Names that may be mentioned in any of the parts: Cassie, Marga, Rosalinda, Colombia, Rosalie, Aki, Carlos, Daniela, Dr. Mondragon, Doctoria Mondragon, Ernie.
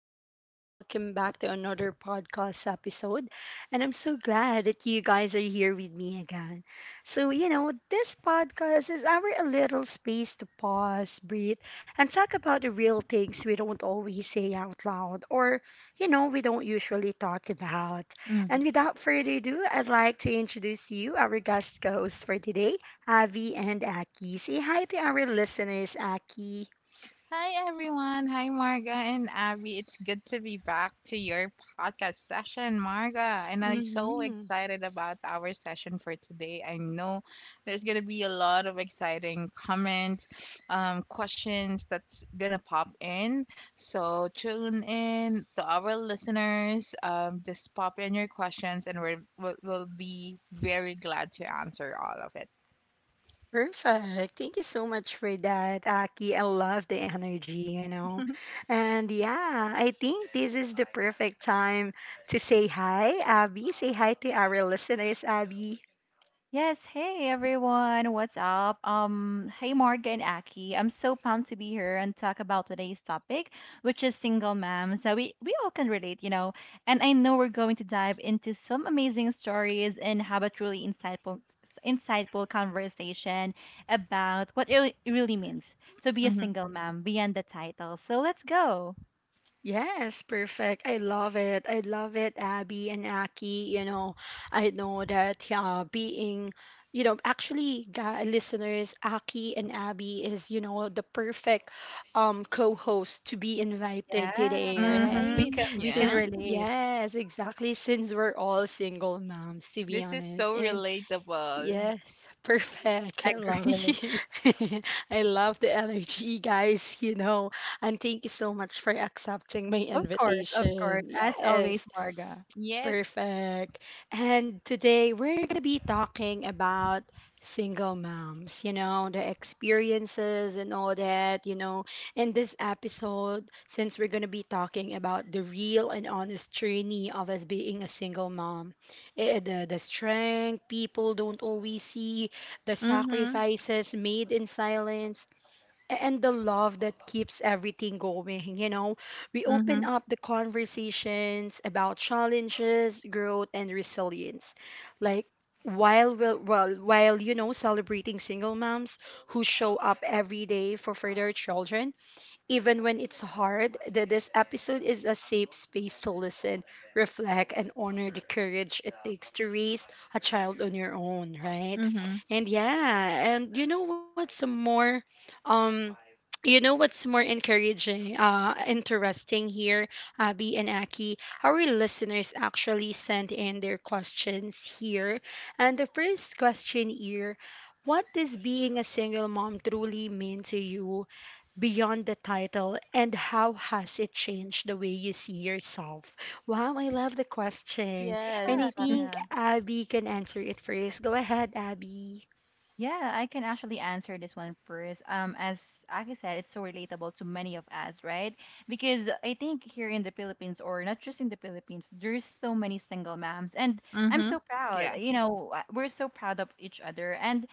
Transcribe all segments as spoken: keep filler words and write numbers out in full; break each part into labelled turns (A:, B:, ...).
A: people, and welcome back to another podcast episode. And I'm so glad that you guys are here with me again. So, you know, this podcast is our a little space to pause, breathe, and talk about the real things we don't always say out loud or, you know, We don't usually talk about. And
B: Mhm.
A: without further ado, I'd like to introduce you our guest hosts for today, Avi and Aki. Say hi to our listeners, Aki.
B: Hi everyone. Hi Marga and Abby. It's good to be back to your podcast session, Marga. And I'm so
A: Hmm.
B: excited about our session for today. I know there's going to be a lot of exciting comments, um, questions that's going to pop in. So tune in to our listeners. Um, just pop in your questions and we're, we'll, we'll be very glad to answer all of it.
A: Perfect. Thank you so much for that, Aki. I love the energy, you know. And yeah, I think this is the perfect time to say hi, Abby. Say hi to our listeners, Abby.
C: Yes, hey everyone, what's up? Um, hey Marga and Aki. I'm so pumped to be here and talk about today's topic, which is single moms. So we we all can relate, you know. And I know we're going to dive into some amazing stories and have a truly insightful insightful conversation about what it really it really means to be a
B: Mm-hmm.
C: single mom beyond the title. So let's go.
A: Yes, perfect. I love it. I love it, Abby and Aki. You know, I know that uh, being, you know, actually, ga- listeners, Aki and Abby is, you know, the perfect um co-host to be invited today,
C: Yeah, we
A: right?
C: can
B: Mm-hmm.
C: we can
A: Since,
C: relate.
A: yes, exactly, since we're all single moms, to be
B: This is
A: honest.
B: so
A: And
B: relatable.
A: yes, perfect. I love
C: Agree.
A: it. I love the energy, guys, you know. And thank you so much for accepting my
C: Of course, of course.
A: invitation.
C: As always,
A: Yes.
C: Marga.
B: Yes.
A: Perfect. And today we're going to be talking about single moms, you know, the experiences and all that, you know. In this episode, since we're going to be talking about the real and honest journey of us being a single mom, eh, the, the strength people don't always see, the
B: Mm-hmm.
A: sacrifices made in silence, and the love that keeps everything going. You know, we open
B: Mm-hmm.
A: up the conversations about challenges, growth, and resilience. Like, while we well, while you know celebrating single moms who show up every day for for their children even when it's hard. That this episode is a safe space to listen, reflect, and honor the courage it takes to raise a child on your own, right?
B: Mm-hmm.
A: And yeah, and you know what's more um you know what's more encouraging, uh, interesting here, Abby and Aki? Our listeners actually sent in their questions here. And the first question here: what does being a single mom truly mean to you beyond the title, and how has it changed the way you see yourself? Wow, I love the question. And
B: Yes.
C: Yeah.
A: I think
C: Yeah,
A: Abby can answer it first. Go ahead, Abby.
C: yeah, I can actually answer this one first. Um, as Aki said, it's so relatable to many of us, right? Because I think here in the Philippines, or not just in the Philippines, there's so many single moms, and I'm
B: Mm-hmm.
C: so proud.
B: Yeah.
C: You know, uh, we're so proud of each other, and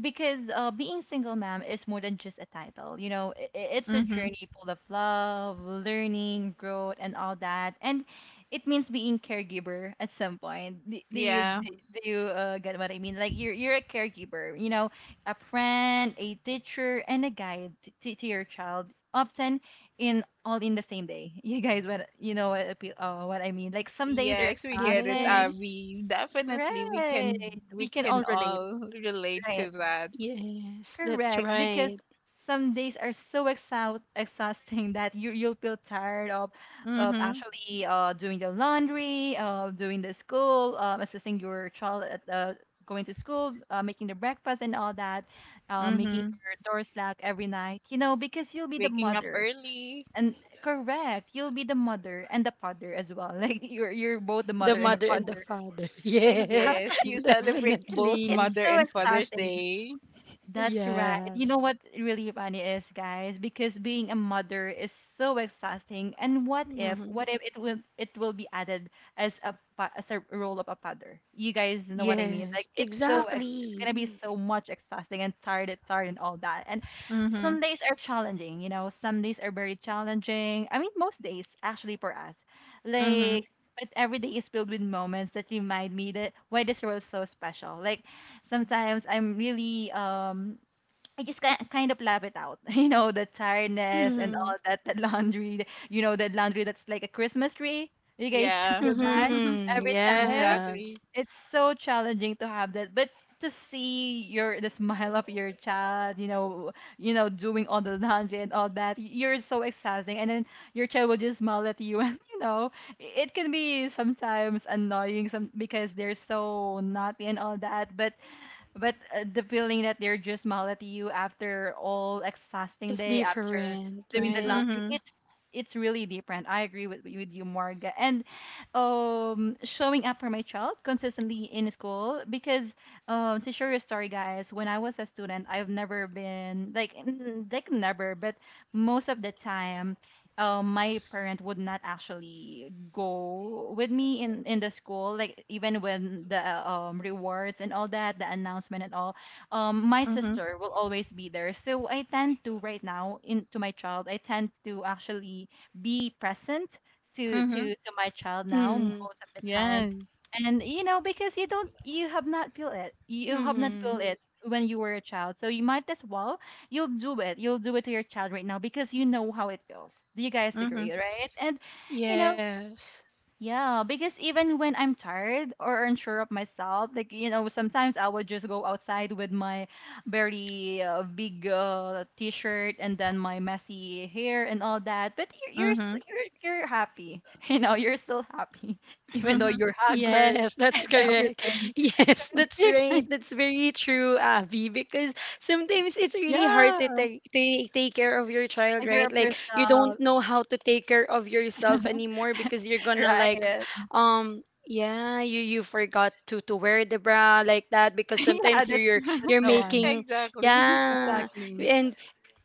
C: because uh, being single mom is more than just a title. You know, i- i- it's a
B: Mm-hmm.
C: journey full of love, learning, growth, and all that. And it means being caregiver at some point. Do, do you
B: Yeah.
C: do, do you uh, get what I mean? Like you're you're a caregiver. You know, a friend, a teacher, and a guide t- to, to your child. Often in all in the same day. You guys, what you know what I pe- uh, what I mean? Like some days are
B: Yes, we get it,
C: exhausting.
A: Yes.
B: Abby. Definitely we
C: Right.
B: can
C: We
B: we
C: can all
B: can
C: relate.
B: all relate
C: Right.
B: to that.
A: Yes, that's
C: Correct, because
A: right.
C: some days are so exhaust exhausting that you you'll feel tired of of
B: Mm-hmm.
C: actually uh, doing the laundry, uh, doing the school, uh, assisting your child at the going to school, uh, making the breakfast and all that, uh, making
B: Mm-hmm.
C: your doors locked every night. You know, because you'll be the
B: Waking up
C: mother.
B: early.
C: And correct, you'll be the mother and the father as well. Like you're you're both the
A: The
C: mother and the
A: mother and the
C: father.
A: father. Yes,
B: Yes,
C: Exactly.
B: you celebrate
C: It's
B: both
C: it's
A: definitely.
B: Mother
C: so
B: and Father's
C: exhausting.
B: Day.
C: That's right. You know
A: Yes.
C: what really funny is, guys, because being a mother is so exhausting. And what if,
A: Hmm.
C: what if it will it will be added as a pa- as a role of a father? You guys know what I mean? Like
A: Yes,
C: it's so ex it's
A: exactly.
C: gonna be so much exhausting and tired, and tired, and all that. And
B: Mm-hmm.
C: some days are challenging. You know, some days are very challenging. I mean, most days actually for us,
B: Mm-hmm.
C: like. But every day is filled with moments that remind me that why this world is so special. Like sometimes I'm really um I just ki- kind of laugh it out, you know, the tiredness and
A: Mm-hmm.
C: all that, the laundry, the- you know, the laundry that's like a Christmas tree. You guys
B: Yeah,
C: feel that
A: Mm-hmm.
C: every time.
A: Yes.
B: exactly.
C: It's so challenging to have that, but to see your the smile of your child, you know, you know, doing all the laundry and all that, y- you're so exhausting, and then your child will just smile at you, and you know, i- it can be sometimes annoying, some because they're so naughty and all that, but but uh, the feeling that they're just smile at you after all exhausting
A: It's
C: day, after
A: different,
C: doing the
A: right?
C: laundry,
B: Mm-hmm.
C: it's it's really different. I agree with with you, Morga. And um, showing up for my child consistently in school because um, to share your story, guys, when I was a student, I've never been like n- like never, but most of the time um, my parent would not actually go with me in in the school, like even when the uh, um, rewards and all that, the announcement and all, um, my
B: Mm-hmm.
C: sister will always be there, so I tend to right now in to my child, I tend to actually be present to
B: Mm-hmm.
C: to to my child now
A: Mm-hmm.
C: most of the time.
B: Yes.
C: And you know because you don't you have not feel it you have not feel
A: Mm-hmm.
C: it when you were a child, so you might as well, you'll do it. You'll do it to your child right now because you know how it feels. Do you guys
B: Mm-hmm.
C: agree, right? And you know,
A: Yes.
C: yeah, because even when I'm tired or unsure of myself, like you know, sometimes I would just go outside with my very uh, big uh, t-shirt and then my messy hair and all that. But you're you're s-
B: Mm-hmm.
C: you're, you're happy. You know, you're still happy even though
B: Mm-hmm.
C: you're haggard
A: Yes, that's
C: and
A: correct.
C: everything.
A: Yes, that's right. That's very true, Avi, because sometimes it's really hard
C: Yeah,
A: to take, to take care of your child,
C: take care
A: right?
C: of
A: Like you don't
C: yourself,
A: know how to take care of yourself anymore because you're gonna like
C: right?
A: um yeah, you you forgot to to wear the bra like that because
C: Yeah,
A: sometimes you're
C: that's
A: you're,
C: that's
A: you're
C: the one.
A: making
B: Exactly.
C: Oh.
A: yeah,
C: Exactly.
A: and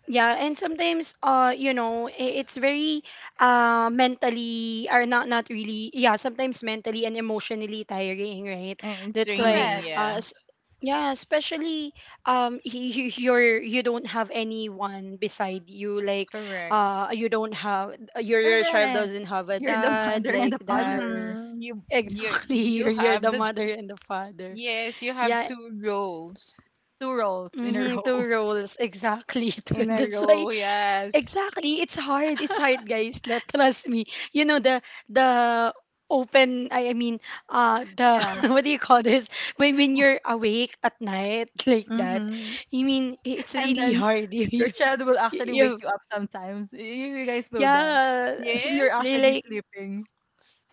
A: yeah, and sometimes uh you know, i- it's very uh mentally are not not really. Yeah, sometimes mentally and emotionally tiring, right?
B: And it's
A: That's why
B: raining,
C: Correct.
A: uh
B: yeah.
A: s- yeah, especially um y- y- you're, you don't have anyone beside you, like
B: Correct.
A: uh you don't have your your child
C: Correct.
A: doesn't have a
C: You're the
A: dad,
C: mother and
A: like
C: the
A: that.
C: father.
B: Mm-hmm. You you
A: Exactly, you're,
B: you
A: you're
B: have
A: the
B: the—
A: mother and the father.
B: Yes, you have
A: Yeah.
B: two rolls
C: Two roles in a
A: Mm-hmm, two
C: row.
A: roles exactly.
B: in a
A: That's why
B: row, yes.
A: exactly. It's hard. It's hard, guys. Let, trust me. You know the the open. I, I mean, uh, the
C: Yeah.
A: what do you call this? When when you're awake at night like that,
B: Mm-hmm.
A: I mean it's
C: And
A: really
C: then
A: hard. You
C: your child will
A: you,
C: actually wake
A: you
C: you up sometimes. Y- You guys know that.
A: Yeah.
B: Yes,
C: You're
A: li-
C: actually
A: Like
C: sleeping.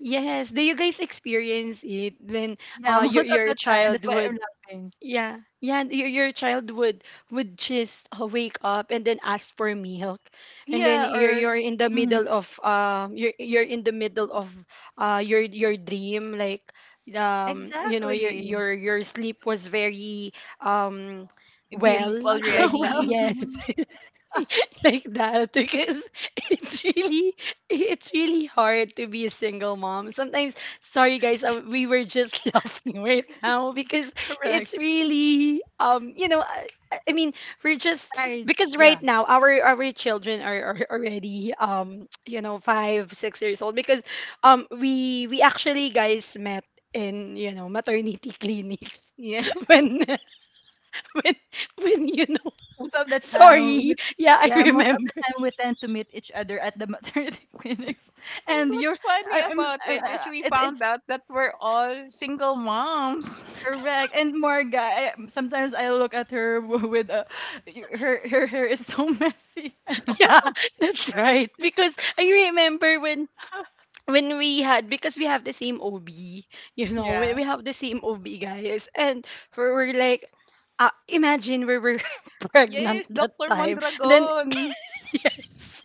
A: yes. Do you guys experience it when
C: Yeah,
A: uh your
C: most of
A: your
C: the time. That's why I'm
A: childhood
C: laughing.
A: yeah, yeah. And Your, your child would would just uh, wake up and then ask for milk, and then
C: Yeah,
A: you're
C: or
A: you're in the
C: mhm,
A: middle of um you're you're in the middle of uh your your dream, like um you know your
C: exactly.
A: your your sleep was very um
B: it's
C: Deep.
A: well,
B: deep
A: like that.
C: Well,
B: already.
A: Yes. Like that, because it's really, it's really hard to be a single mom sometimes. Sorry guys, uh, we were just laughing right now because
C: correct.
A: it's really um you know i, I mean we're just
C: Tired.
A: because
C: Yeah.
A: right now our our children are, are already um you know five six years old, because um we we actually, guys, met in you know maternity clinics
B: Yeah.
A: when when when you know
C: Most of the time,
A: sorry
C: we,
A: yeah I
C: yeah, most of the
A: remember.
C: time we tend to meet each other at the maternity clinics.
B: And
C: And
B: what's
C: you're,
B: funny
C: I, I'm, s-
B: about
C: I,
B: it is
C: I-
B: we
C: it's
B: found
C: it's
B: out that we're all single moms.
C: correct. And Marga, I, sometimes I look at her, w- with a, her her hair is so messy and all.
A: Yeah, that's right. Because I remember when when we had, because we have the same O B, you know, we,
B: yeah.
A: we have the same O B, guys. And we were like, uh, imagine, we were pregnant
B: Yes,
A: that
B: Doctor
A: time, and then
B: Mondragon.
A: yes.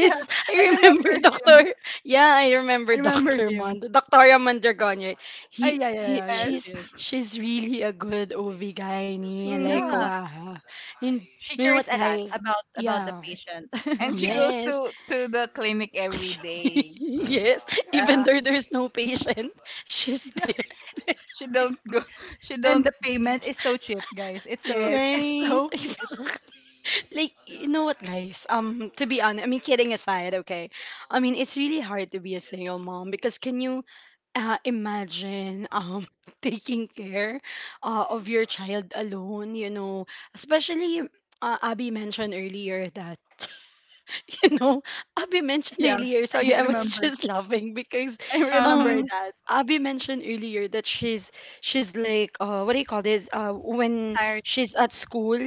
C: Yeah, I
A: I
C: remember
A: remember
C: him.
A: Doctor. Yeah, I remember
C: I remember
A: Doctor
C: him.
A: Mond Doctoria Mondragon.
C: Ah,
A: He
C: yeah, yeah,
A: he
C: yeah, yeah.
B: Yes.
C: She
A: she's
C: is.
A: she's really a good O B gynae. Like,
C: Yeah,
B: Mhm.
A: wow. You,
C: she
A: you know
C: cares
A: what,
C: a lot
A: guys?
C: about about the
A: Yeah.
C: patient.
B: And she
C: Yeah,
B: goes
A: Yes.
B: to to the clinic every day.
A: Yes. Even
C: yeah,
A: though there's no patient, she's
C: yeah.
A: there.
B: She don't go. She
C: And the
B: don't. g-
C: payment is so cheap, guys. It's so
B: Yes.
C: it's
A: Right.
C: so cheap.
A: Exactly. Like, you know what, guys? Um, to be honest, I mean, kidding aside, okay? I mean, it's really hard to be a single mom, because can you uh, imagine um taking care uh, of your child alone, you know? Especially, uh, Abby mentioned earlier that you know, Abby mentioned
C: Yeah.
A: earlier, sorry,
C: I
A: I was
C: remember.
A: just laughing because
C: I
B: Uh
C: remember
B: huh.
A: um
C: that.
A: Abby mentioned earlier that she's she's like uh what do you call this? Uh, when
C: Tired.
A: she's at school,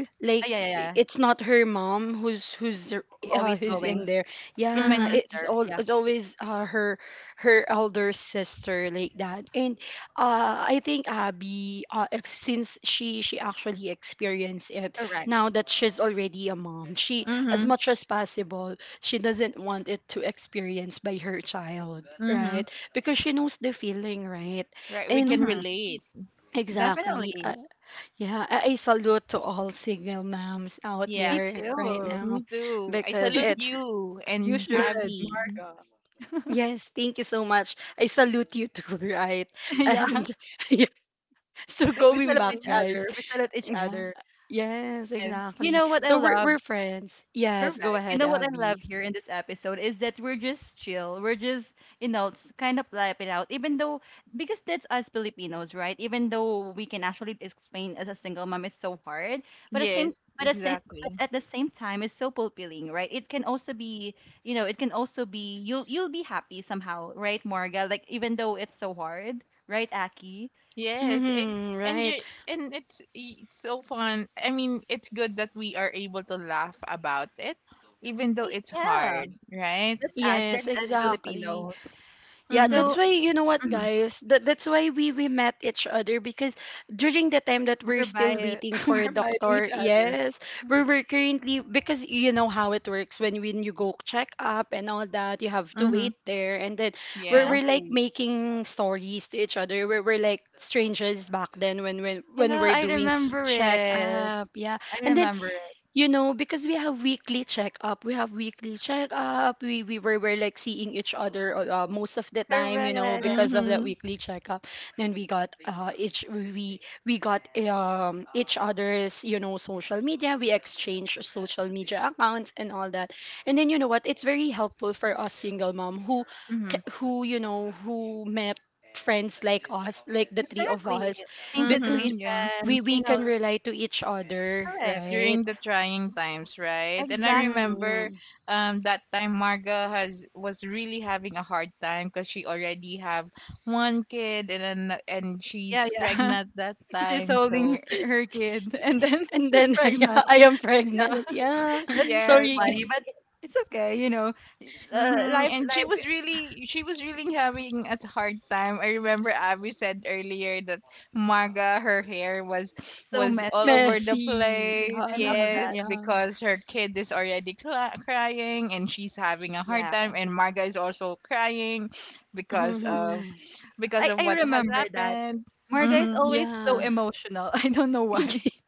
C: Ah,
A: like
C: yeah, yeah,
A: i-
C: yeah.
A: it's not her mom who's who's r- uh
C: Always
A: who's in
C: going.
A: there.
C: It's my
A: Yeah,
B: Mhm.
A: it's
C: sister.
A: all
C: Yeah,
A: it's always uh her her elder sister, like that. And uh I think Abby uh ex- since she she actually experienced it
C: correct.
A: now that she's already a mom, she, as
B: Mhm.
A: much as possible, she doesn't want it to experience by her child,
B: Mhm.
A: right? Because she knows the feeling, right?
B: Right. We
A: And
B: can
C: Mm-hmm.
B: relate.
A: exactly. Uh,
C: Definitely.
A: yeah, I, I salute to all single moms out
C: Me
B: Yeah.
A: there right
C: too.
A: now
B: Me too. I
A: because
B: salute
A: it's,
B: you
C: You
B: and
A: yeah,
C: should,
B: Abby.
C: Marga.
A: yes, thank you so much. I salute you too, right?
C: Yeah.
A: And so
B: Thank
C: We
A: going
C: salute
A: back,
C: each
B: you.
A: guys.
C: other. We salute each
A: Yeah.
C: other.
A: Yes,
B: Yes.
C: You
A: exactly.
C: know what I
A: So we're
C: love?
A: we're friends. Yes, go
C: Correct. You
A: ahead,
C: know what I love
A: Abby.
C: here in this episode is that we're just chill. We're just, you know, it's kind of laugh it out, even though, because that's us Filipinos, right? Even though we can actually explain as a single mom, it's so hard. But the same,
B: Yes.
C: but, the same, but
B: Exactly.
C: at the same time, it's so fulfilling, right? It can also be, you know, it can also be you'll you'll be happy somehow, right, Marga? Like even though it's so hard, right, Aki?
B: Yes. And
A: Hmm,
B: and
A: right.
B: you and it's it's so fun. I mean, it's good that we are able to laugh about it, even though
C: Y-
B: it's
C: Yeah,
B: hard, right?
C: that's us. That's
A: Yes,
C: us
A: exactly.
C: Filipinos.
A: Yeah,
B: Mhm.
C: So
A: that's why you know what,
C: mhm,
A: guys. That that's why we we met each other, because during the time that we're
C: we're
A: still
C: by
A: waiting for a
C: we're by each
A: doctor,
C: other.
A: yes, we were currently, because you know how it works. When when you go check up and all that, you have to
B: Mhm.
A: wait there, and then we're
B: Yeah.
A: we're like
C: Exactly.
A: making stories to each other. We're we're like strangers back then when when when
C: Yeah,
A: we're
C: I
A: doing
C: remember
A: check
C: it.
A: up, yeah,
C: I
A: and then
C: remember it.
A: you know, because we have weekly checkup, we have weekly checkup. We we were, were like seeing each other uh, most of the time, you know,
C: Correct.
A: because of that
B: Mhm.
A: weekly checkup. And we got uh, each we we got um, each other's, you know, social media. We exchanged social media accounts and all that, and then you know what, it's very helpful for us single mom who
C: hmm
A: c- who, you know, who met friends like us, like the three of
C: Exactly.
A: us,
C: Same
A: because
B: Mhm. Yeah.
C: situations,
A: we we
C: you know.
A: can rely to each other,
C: Correct.
A: right?
B: During the trying times, right? And I
C: Exactly.
B: remember
A: Mm.
B: um that time Marga has was really having a hard time because she already have one kid and then and
C: Yeah,
B: she's
C: yeah.
B: pregnant that
C: She's
B: time.
C: holding
B: So
C: her, her kid and then
A: And
C: she's
A: then I,
C: pregnant.
A: I am
C: Yeah.
A: pregnant. Yeah.
C: That's that's
B: yes,
A: Sorry.
C: funny, but it's okay, you know. Uh,
B: hmm
C: life
B: and she
C: life
B: was
C: is
B: really she was really having a hard time. I remember Abby said earlier that Marga her hair was
C: so
B: was all
C: messy
B: over the
A: Messy.
B: place.
C: and all that.
B: Yes,
A: Yeah.
B: because her kid is already cla crying and she's having a hard
C: Yeah.
B: time and Marga is also crying
A: Yeah.
B: because of
A: Hmm.
B: because
C: I
B: of
C: I
B: what has
C: remember that.
B: happened.
C: Marga is
B: Mm-hmm.
C: always so
A: Yeah.
C: emotional. I don't know why.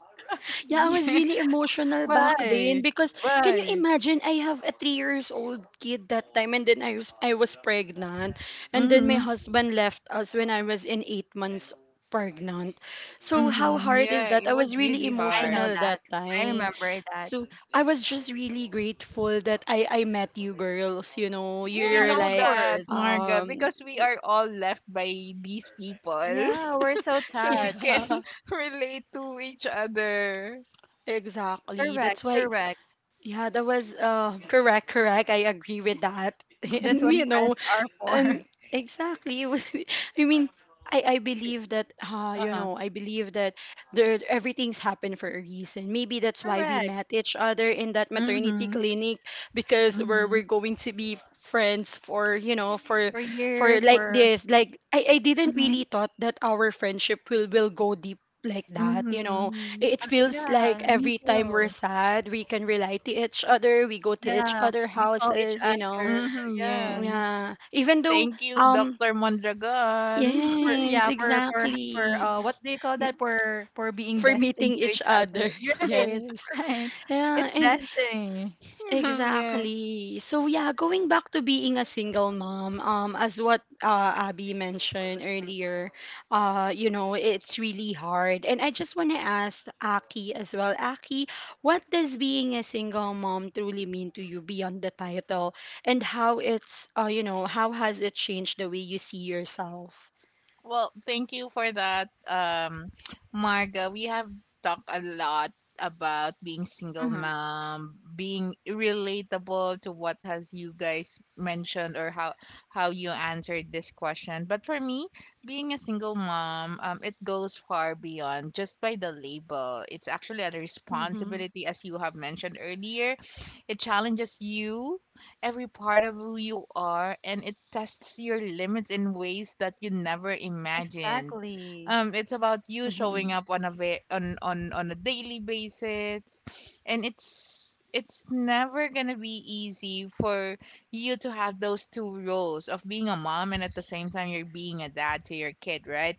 A: Yeah, I was really emotional back then
C: Why?
A: because can you
C: Why?
A: imagine, I have a three years old kid that time, and then I was I was pregnant, and then my
B: Mm-hmm.
A: husband left us when I was in eight months pregnant. So how
B: Mm-hmm.
A: hard is
B: Yeah,
A: that?
B: it
A: I was
B: was
A: really
B: really
C: I
B: hard.
C: know
A: emotional
C: that.
A: that
C: I
A: time.
C: remember that.
A: So I was just really grateful that I I met you girls, you know.
B: We
A: You're
C: Yeah,
B: know
C: of
A: like
B: that,
C: course.
B: Marga,
A: um
B: because we are all left by these people.
C: Yeah, we're so
B: So we can
A: yeah.
C: touched.
B: relate to each other.
A: Exactly.
C: Correct,
A: That's why
C: correct.
A: yeah, that was uh, correct, correct. I agree with that.
C: That's
A: And
C: what
A: you
C: friends
A: know,
C: are
A: and
C: for.
A: exactly, it was. I mean, I I believe that uh, you
C: Uh-huh.
A: know, I believe that there everything's happened for a reason. Maybe that's why we
C: Correct.
A: met each other in that maternity
B: Mm-hmm.
A: clinic, because we're
B: Mm-hmm.
A: we're going to be friends for you know for
C: For
A: for
C: years,
A: like
C: for
A: this. Like I I didn't
C: hmm
A: really thought that our friendship will will go deep like that. You know,
B: Mm-hmm.
A: it feels like
C: Yeah, me
A: every time
C: too.
A: we're sad, we can rely to each other. We go to each
C: Yeah,
A: other
C: we call each
A: houses, you know.
C: other.
B: Mm-hmm.
C: Yeah,
B: Yes.
A: Yeah. Even though,
B: Thank you,
A: um,
B: Doctor Mondragon.
C: for
A: yes,
C: yeah, for for for
A: exactly.
C: uh, what do you call
A: M-
C: that? For for being
A: For
C: destined
A: meeting
C: to
A: each
C: each
A: other.
C: other. You're Right,
A: Yes.
C: right.
A: Yeah.
C: It's
A: And
C: destiny.
B: yeah.
A: exactly. So yeah, going back to being a single mom, um, as what uh, Abby mentioned earlier, uh, you know, it's really hard. And I just want to ask Aki as well. Aki, what does being a single mom truly mean to you beyond the title, and how it's, uh, you know, how has it changed the way you see yourself?
B: Well, thank you for that, um, Marga. We have talked a lot about being single
C: Mm-hmm.
B: mom, being relatable to what has you guys mentioned or how how you answered this question. But for me, being a single mom, um, it goes far beyond just by the label. It's actually a
A: Mm-hmm.
B: responsibility, as you have mentioned earlier. It challenges you every part of who you are, and it tests your limits in ways that you never imagined.
C: Exactly.
B: Um, it's about you
A: Mm-hmm.
B: showing up on a ve- on, on on a daily basis, and it's it's never gonna be easy for you to have those two roles of being a mom and at the same time you're being a dad to your kid, right?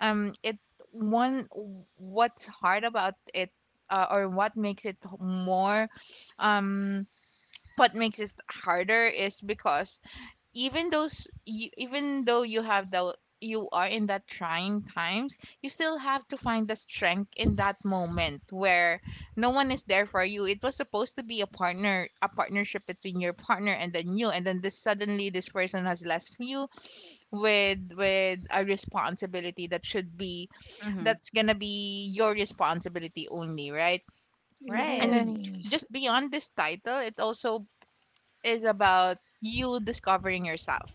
B: um it one What's hard about it, uh, or what makes it more um what makes it harder is because even those you, even though you have the you are in that trying times, you still have to find the strength in that moment where no one is there for you. It was supposed to be a partner a partnership between your partner and then you, and then this suddenly this person has left you with with a responsibility that should be
C: Mm-hmm.
B: that's gonna be your responsibility only, right?
C: Right.
B: And
A: Yes.
B: just beyond this title, it also is about you discovering yourself.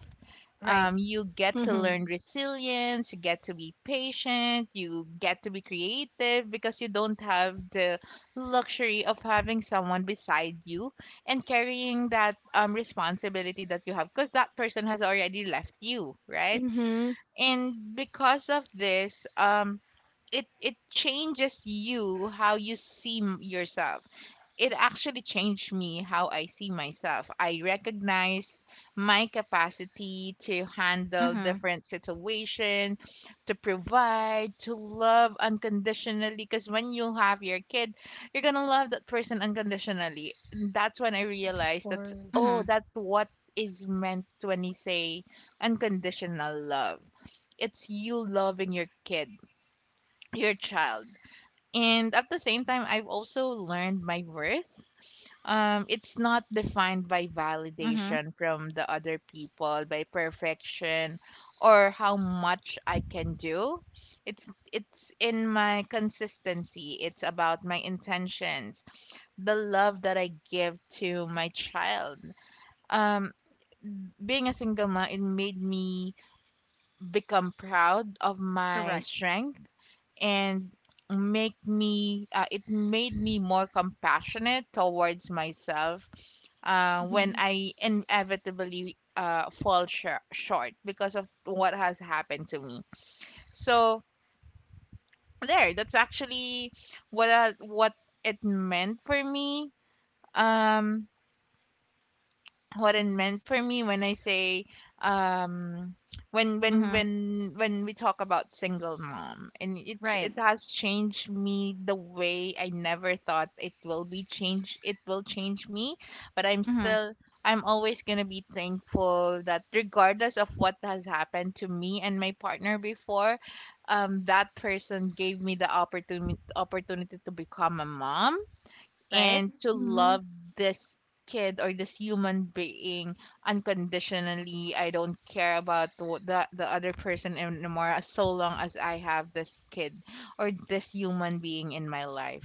C: Right.
B: um, you get
A: Mm-hmm.
B: to learn resilience, you get to be patient, you get to be creative because you don't have the luxury of having someone beside you and carrying that um, responsibility that you have because that person has already left you, right?
A: Mm-hmm. Of
B: And because of this, um, it, it changes you how you see m- yourself. It actually changed me how I see myself. I recognize my capacity to handle
C: Mhm.
B: different situations, to provide, to love unconditionally. Because when you have your kid, you're gonna love that person unconditionally. And that's when I realized, that's
A: course.
B: oh,
C: Mhm.
B: that's what is meant when you say unconditional love. It's you loving your kid, your child. And at the same time, I've also learned my worth. Um, it's not defined by
C: Mhm.
B: validation from the other people, by perfection, or how much I can do. It's it's in my consistency. It's about my intentions, the love that I give to my child. Um, being a single mom, it made me become proud of my
C: Correct.
B: strength, and make me uh, it made me more compassionate towards myself uh, when I inevitably uh, fall shor- short because of what has happened to me. So there, that's actually what I, what it meant for me. Um, what it meant for me when I say um when when
C: Mhm.
B: when when we talk about single mom, and it it
C: Right.
B: has changed me the way I never thought it will be changed it will change me. But I'm
C: Mhm.
B: still I'm always going to be thankful that regardless of what has happened to me and my partner before, um that person gave me the opportunity opportunity to become a mom
C: Right?
B: and to
A: Mm-hmm.
B: love this kid or this human being unconditionally. I don't care about the the, the other person anymore, as so long as I have this kid or this human being in my life.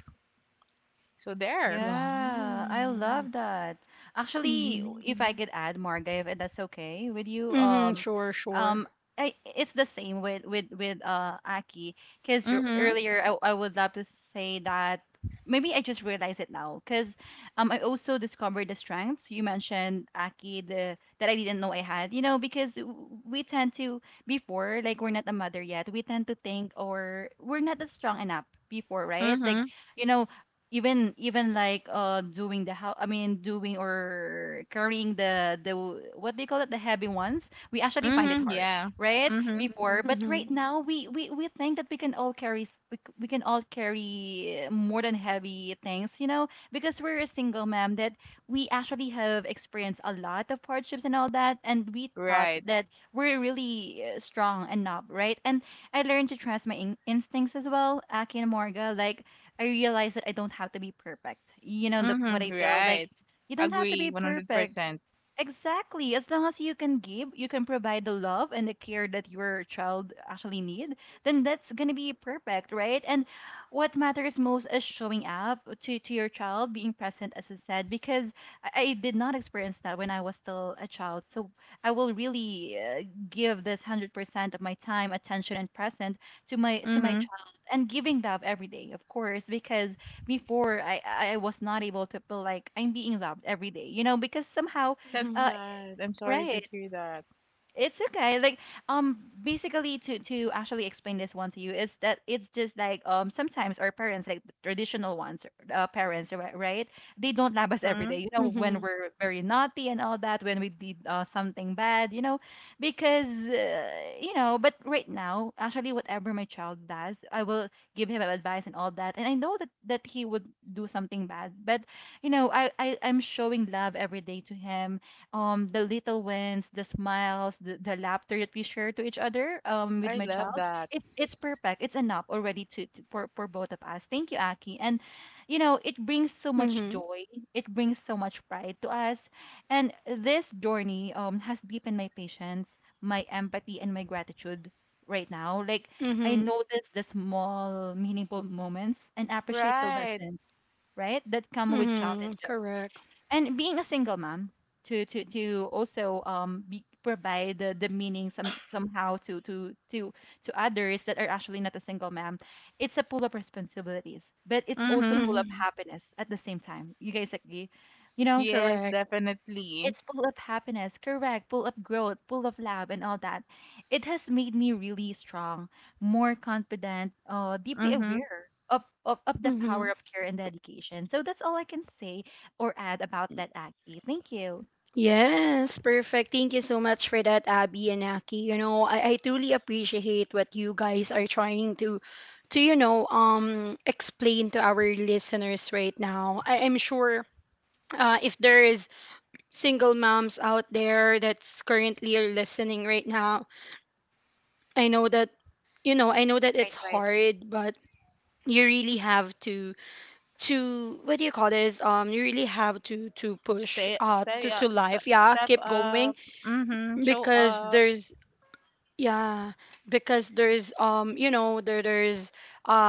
B: So there.
C: Yeah, I
A: Wow.
C: love that. Actually,
A: Mhm.
C: w- if I Mhm. could add, Marga, if that's okay with you,
A: Mhm.
C: um,
A: Sure. Sure.
C: um, I, it's the same with with with uh Aki, because
B: Mhm.
C: earlier I, I would love to say that maybe I just realized it now, because um I also discovered the strengths you mentioned, Aki, the that I didn't know I had. You know, because w- we tend to before like we're not a mother yet, we tend to think or we're not as strong enough before, right? Like
B: Mhm.
C: you know even even like uh doing the how I mean, doing or carrying the the w- what do you call it, the heavy ones, we actually find it
B: Mhm.
C: hard
B: Yeah.
C: right
B: Mhm.
C: before, but right
A: Mhm.
C: now we we we think that we can all carry s- we, c- we can all carry uh, more than heavy things, you know because we're a single mom, that we actually have experienced a lot of hardships and all that, and we thought
B: Right.
C: that we're really uh, strong enough, right. And I learned to trust my in- instincts as well, Aki and Morga, like I realized that I don't have to be perfect. You know the, what
B: Mhm.
C: I feel like.
B: Right.
C: You don't have to be
B: Agree
C: perfect.
B: one hundred percent.
C: Exactly. As long as you can give, you can provide the love and the care that your child actually need, then that's gonna be perfect, right? And what matters most is showing up to, to your child, being present, as I said, because I, I did not experience that when I was still a child. So I will really uh, give this hundred percent of my time, attention, and present to my to my
B: Mhm.
C: child, and giving love every day, of course, because before I I was not able to feel like I'm being loved every day, you know, because somehow
B: That's
A: Mhm.
C: uh,
B: sad. I'm sorry to
C: right.
B: hear that.
C: It's okay. Like, um, basically, to to actually explain this one to you is that it's just like um sometimes our parents, like the traditional ones, uh, parents, ri- right? They don't love us every
B: Mhm.
C: day. You know, when
A: Mhm.
C: we're very naughty and all that, when we did uh, something bad, you know, because uh, you know. But right now, actually, whatever my child does, I will give him advice and all that, and I know that that he would do something bad, but you know, I, I I'm showing love every day to him, um the little wins, the smiles, the, the laughter that we share to each other um
B: I
C: with my
B: love
C: child.
B: that.
C: It's it's perfect. It's enough already to, to for for both of us. Thank you, Aki. And you know, it brings so much
A: Mhm.
C: joy. It brings so much pride to us. And this journey um has deepened my patience, my empathy, and my gratitude right now. Like I
A: Mhm.
C: notice the small, meaningful moments and appreciate the
B: Right.
C: lessons, right, that come with
A: Mhm.
C: challenges
A: Correct.
C: and being a single mom to to to also um be, provide the, the meaning some somehow to to to to others that are actually not a single mom. It's a pull of responsibilities, but it's also
B: Mhm.
C: pull of
A: Mhm.
C: happiness at the same time. You guys agree, you know
B: Yes,
A: Correct.
B: definitely.
C: it's full of happiness, correct, full of growth, full of love, and all that. It has made me really strong, more confident, uh, deeply
B: Mm-hmm.
C: aware of, of, of the power
A: Mhm.
C: of care and dedication. So that's all I can say or add about that, Aki. Thank you.
A: Yes, perfect. Thank you so much for that, Abby and Aki. You know, I, I truly appreciate what you guys are trying to to you know um explain to our listeners right now. I, I'm sure uh, if there is single moms out there that's currently listening right now, I know that, you know, I know that it's
C: Right, right.
A: hard, but you really have to to what do you call this? Um, you really have to to push
B: Stay,
A: uh
B: stay
A: to
B: up,
A: to
B: st-
A: life. Yeah,
B: step
A: keep going
B: up. Mm-hmm. Show
A: because
B: up.
A: there's yeah, because there's um you know there there's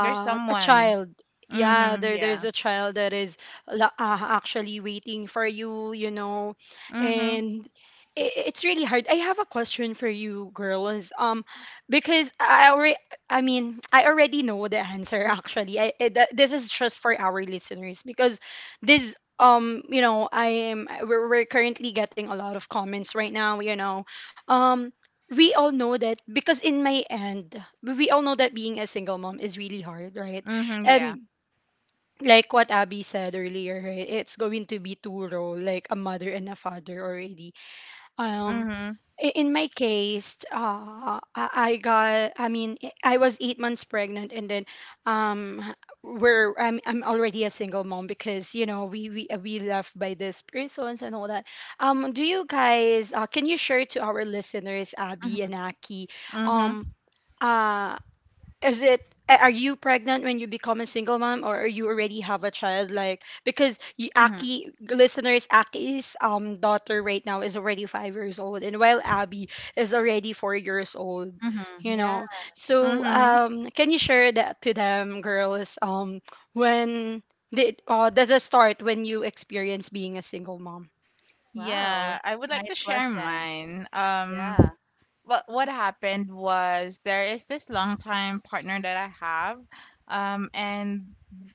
B: There's
A: a
B: someone.
A: child. Yeah,
B: Mm-hmm.
A: there there's
B: Yeah.
A: a child that is la- uh, actually waiting for you, you know.
B: Mm-hmm.
A: And I it's really hard. I have a question for you girls. Um because I already, I mean, I already know the answer actually. I, I th- this is just for our listeners because this um you know, I am we're, we're currently getting a lot of comments right now, you know. Um we all know that because in my end, we all know that being a single mom is really hard, right?
B: Mm-hmm. Yeah.
A: And like what Abby said earlier, right? It's going to be two role, like a mother and a father already. Um,
B: Mm-hmm.
A: i- in my case, uh, I I got, I mean, I I was eight months pregnant, and then um, we're I'm I'm already a single mom because you know we we uh, we left by these persons and all that. Um, do you guys uh, can you share to our listeners, Abby
C: Mm-hmm,
A: and Aki,
B: Mm-hmm.
A: um, uh, is it a- are you pregnant when you become a single mom, or are you already have a child? Like, because you,
C: mm-hmm,
A: Aki, listeners, Aki's um daughter right now is already five years old, and while Abby is already four years old,
C: mm-hmm.
A: you
C: Yeah.
A: know, so
B: Mm-hmm.
A: um can you share that to them, girls? Um when did uh does it start when you experience being a single mom?
B: Yeah.
C: Wow.
B: I would like to
C: Nice
B: share
C: question.
B: mine. Um,
C: Yeah.
B: what what happened was there is this longtime partner that I have, um, and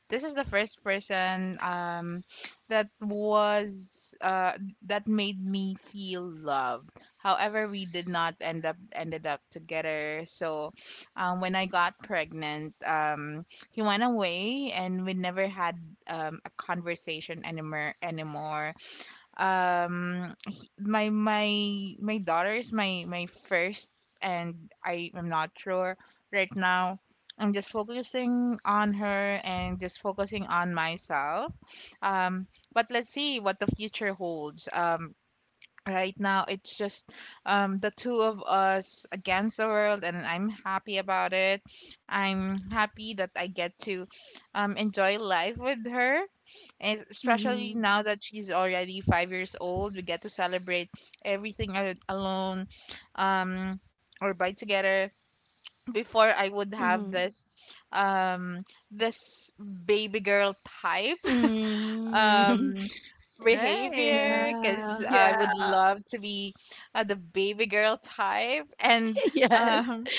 B: this is the first person um, that was uh, that made me feel loved. However, we did not end up ended up together. So, um, when I got pregnant, um, he went away, and we never had um, a conversation anymore anymore. um he- my my my daughter is my my first, and I am not sure right now. I'm just focusing on her and just focusing on myself. Um, but let's see what the future holds. Um, right now it's just um, the two of us against the world, and I'm happy about it. I'm happy that I get to um, enjoy life with her, es- especially
A: Mm-hmm.
B: now that she's already five years old. We get to celebrate everything a- alone, um, or by together. Before I would
A: Mm-hmm.
B: have this um, this baby girl type
A: Mm-hmm.
B: um
C: Right.
B: behavior, because
A: yeah.
B: I would
C: Yeah.
B: love to be uh, the baby girl type, and
A: yes.
B: um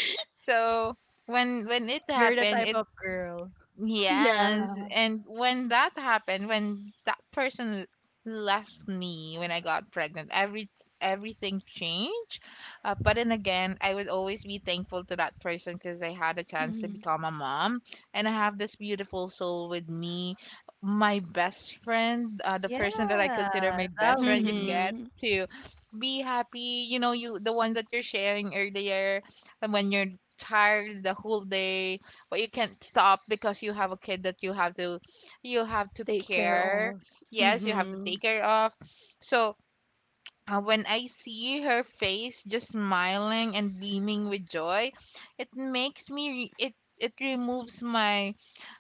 B: so when when it
C: You're the
B: happened,
C: type
B: it—
C: of girl.
B: Yes,
A: Yeah.
B: and when that happened, when that person left me when I got pregnant, every everything changed. Uh, but then again, I would always be thankful to that person because I had a chance to
A: Mhm.
B: become a mom, and I have this beautiful soul with me, my best friend, uh, the person that I consider
C: Yeah.
B: my best friend. You
C: Lovely.
B: get
A: Mm-hmm.
B: to be happy, you know, you the one that you're sharing earlier, and when you're tired the whole day but you can't stop because you have a kid that you have to you have to
A: Take care
B: care.
A: of.
B: Yes, you have to
A: Mm-hmm.
B: take care of. So uh, when I see her face just smiling and beaming with joy. It makes me re- it it removes my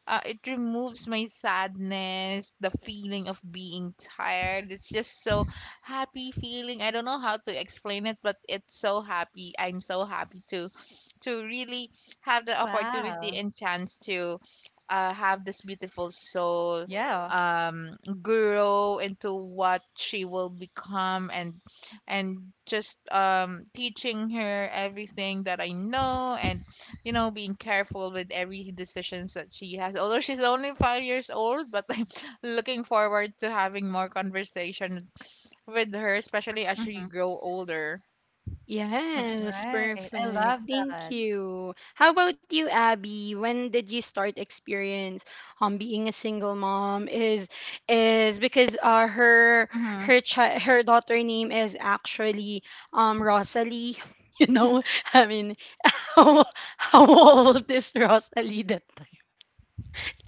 B: uh, it removes my sadness, the feeling of being tired. It's just so happy feeling. I don't know how to explain it, but it's so happy. I'm so happy to to really have the opportunity
C: Wow.
B: and chance to uh, have this beautiful soul
C: Yeah.
B: um grow into what she will become, and and just um teaching her everything that I know, and you know, being careful with every decisions that she has. Although she's only five years old, but I'm looking forward to having more conversation with her, especially as she
C: Mm-hmm.
B: grow older.
A: Yes,
C: Right. I love
A: perfect. Thank
C: that.
A: you. How about you, Abby? When did you start experience um being a single mom? Is is because uh her
C: Mhm.
A: her chi her daughter name is actually um Rosalie. You know, I mean, how how old is Rosalie that time?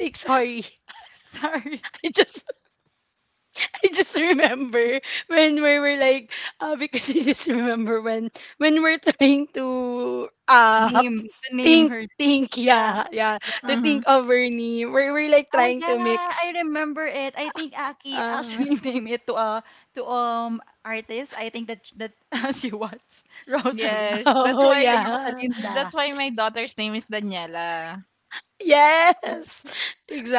A: Like, sorry,
C: Sorry.
A: I just, I just remember when we were like, uh, because I just remember when when we're trying to uh
C: Name the name
A: think
C: her.
A: think
C: Yeah.
A: yeah, yeah,
C: Yeah.
A: to
B: Mm-hmm.
A: think of Ernie, we we're like
C: Oh
A: trying
C: yeah,
A: to
C: I
A: mix.
C: remember it. I think Aki
A: Uh,
C: actually named it to a to um artist. I think that that she watched Rosalie,
B: Yes, that's
A: oh
C: Ro-
B: why
C: like
A: yeah.
B: that's
C: Rosalinda.
B: why my daughter's name is Daniela.
C: Oh,
A: Yes,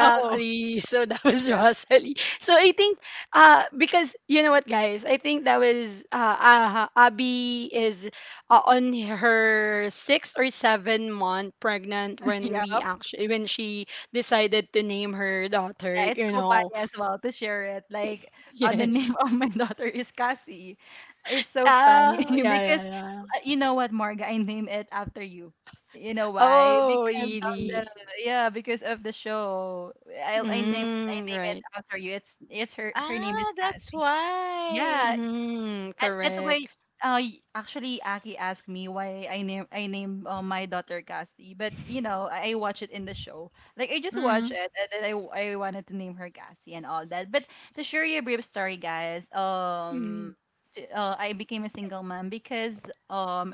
C: oh
A: So that was
C: yeah,
A: Rosalie. So I think, uh, because you know what, guys, I think that was uh, uh Abby is uh, on her six or seven month pregnant when
C: yeah.
A: we actually, when she decided to name her
C: Yeah,
A: daughter.
C: it's
A: You
C: so
A: know,
C: funny as well to share it. Like, uh, the name
A: yes.
C: of my daughter is Cassie. It's so funny
A: Oh, yeah, yeah,
C: because
A: yeah.
C: uh, you know what, Marga, I name it after you. You know why?
A: Oh,
C: Because of the,
A: really?
C: yeah, because of the show. I I name I
A: Mm,
C: name it
A: right.
C: after you. It's it's her her name is
B: Ah, that's
C: Cassie. Yeah,
B: why.
A: Mm,
C: and that's why,
A: correct.
C: uh, y- actually, Aki asked me why I name I named uh, my daughter Cassie. But you know, I, I watch it in the show. Like I just watch
B: Mm-hmm.
C: it, and then I w- I wanted to name her Cassie and all that. But to share you a brief story, guys, um,
A: Mm,
C: t- uh, I became a single mom because um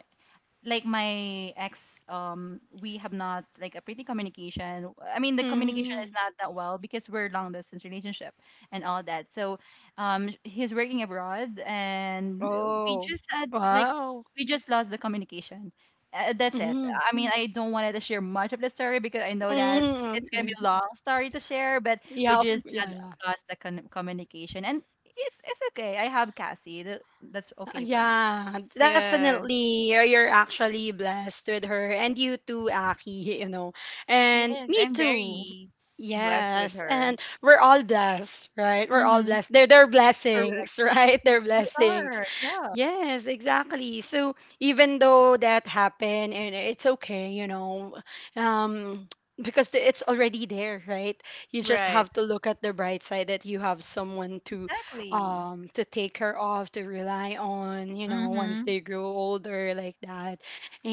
C: like my ex, um we have not like a pretty communication. I mean, the communication is
A: mm.
C: not that well because we're long distance relationship and all that. So um sh- he's working abroad, and uh, we
B: Oh,
C: just had like,
A: Wow.
C: we just lost the communication. uh, that's it.
A: Mm.
C: I mean, I don't wanted to share much of the story because I know that
A: Mm,
C: it's going to be
A: okay.
C: a long story to share. But we
A: Yeah, of
C: just had
A: yeah, yeah.
C: lost the con- communication, and it's it's okay. I have Cassie, that, that's
A: Uh,
C: okay for me.
A: yeah,
B: yes,
A: definitely. You're you're actually blessed with her, and you too, Aki, you know. And
B: yes,
A: me
B: I'm
A: too.
B: very blessed with
A: Yes,
B: her.
A: and we're all blessed, right? We're all
B: Mm-hmm.
A: blessed. They're they're
C: Correct.
A: blessings, right? They're
C: We
A: blessings.
C: are, yeah.
A: Yes, exactly. So even though that happened and it's okay, you know, um because the- it's already there, right? You just
B: Right.
A: have to look at the bright side that you have someone to
C: Exactly,
A: um to take care of, to rely on, you know, once
B: Mm-hmm.
A: they grow older like that,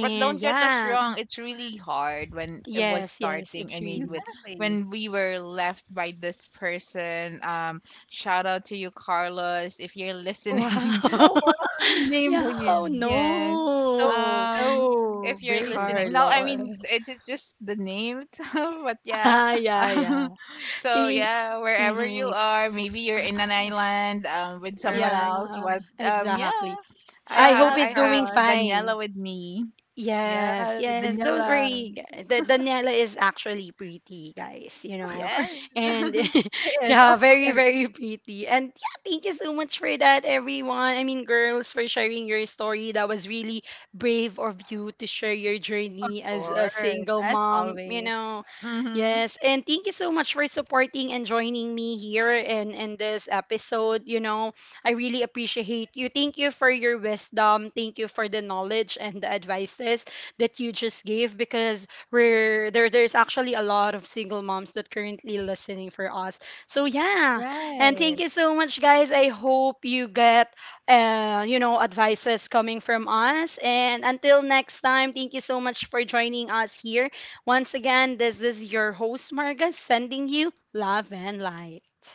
B: But don't get us
A: yeah.
B: wrong, it's really hard when it was
A: Yes, yes,
B: starting.
A: it's
B: I mean, when
A: really
C: exactly.
B: when we were left by this person. Um, shout out to you, Carlos, if you're listening.
A: wow,
C: Oh, wow, you
A: yeah,
C: named
A: oh
C: him.
B: yes.
C: So,
A: no,
B: Um,
C: so
B: if you're
C: brave.
B: listening. No, I mean
A: Carlos,
B: it's it's just the name itself. But yeah.
A: ah yeah yeah,
B: Um, so
A: think,
B: yeah, wherever you
A: mm-hmm.
B: are, maybe you're
A: Ah,
B: in an island um with someone
C: Correct.
B: else.
A: yeah,
B: But um, yeah,
A: exactly.
B: I
A: I
C: Shout
B: have
A: hope
C: out,
B: I
A: he's doing
B: have
C: Carlos.
A: fine.
B: Daniela with me.
A: Yes,
C: Yeah,
A: yes. Don't
C: Daniela.
A: worry. gu- The Daniela is actually pretty, guys, you
C: Of
A: know.
C: course.
B: Yes.
A: And
C: She is,
A: yeah,
C: of
A: very,
C: course,
A: very pretty. And yeah, thank you so much for that, everyone. I mean, girls, for sharing your story. That was really brave of you to share your
C: of
A: journey as a
C: course,
A: single
C: as
A: mom, you
C: always.
A: know.
B: Mm-hmm.
A: Yes, and thank you so much for supporting and joining me here in in this episode, you know. I really appreciate you. Thank you for your wisdom. Thank you for the knowledge and the advices that you just gave because we're there there's actually a lot of single moms that currently listening for us. So yeah. And thank
C: Right.
A: you so much, guys. I hope you get uh, you know, advices coming from us. And until next time, thank you so much for joining us here. Once again, this is your host, Marga, sending you love and light.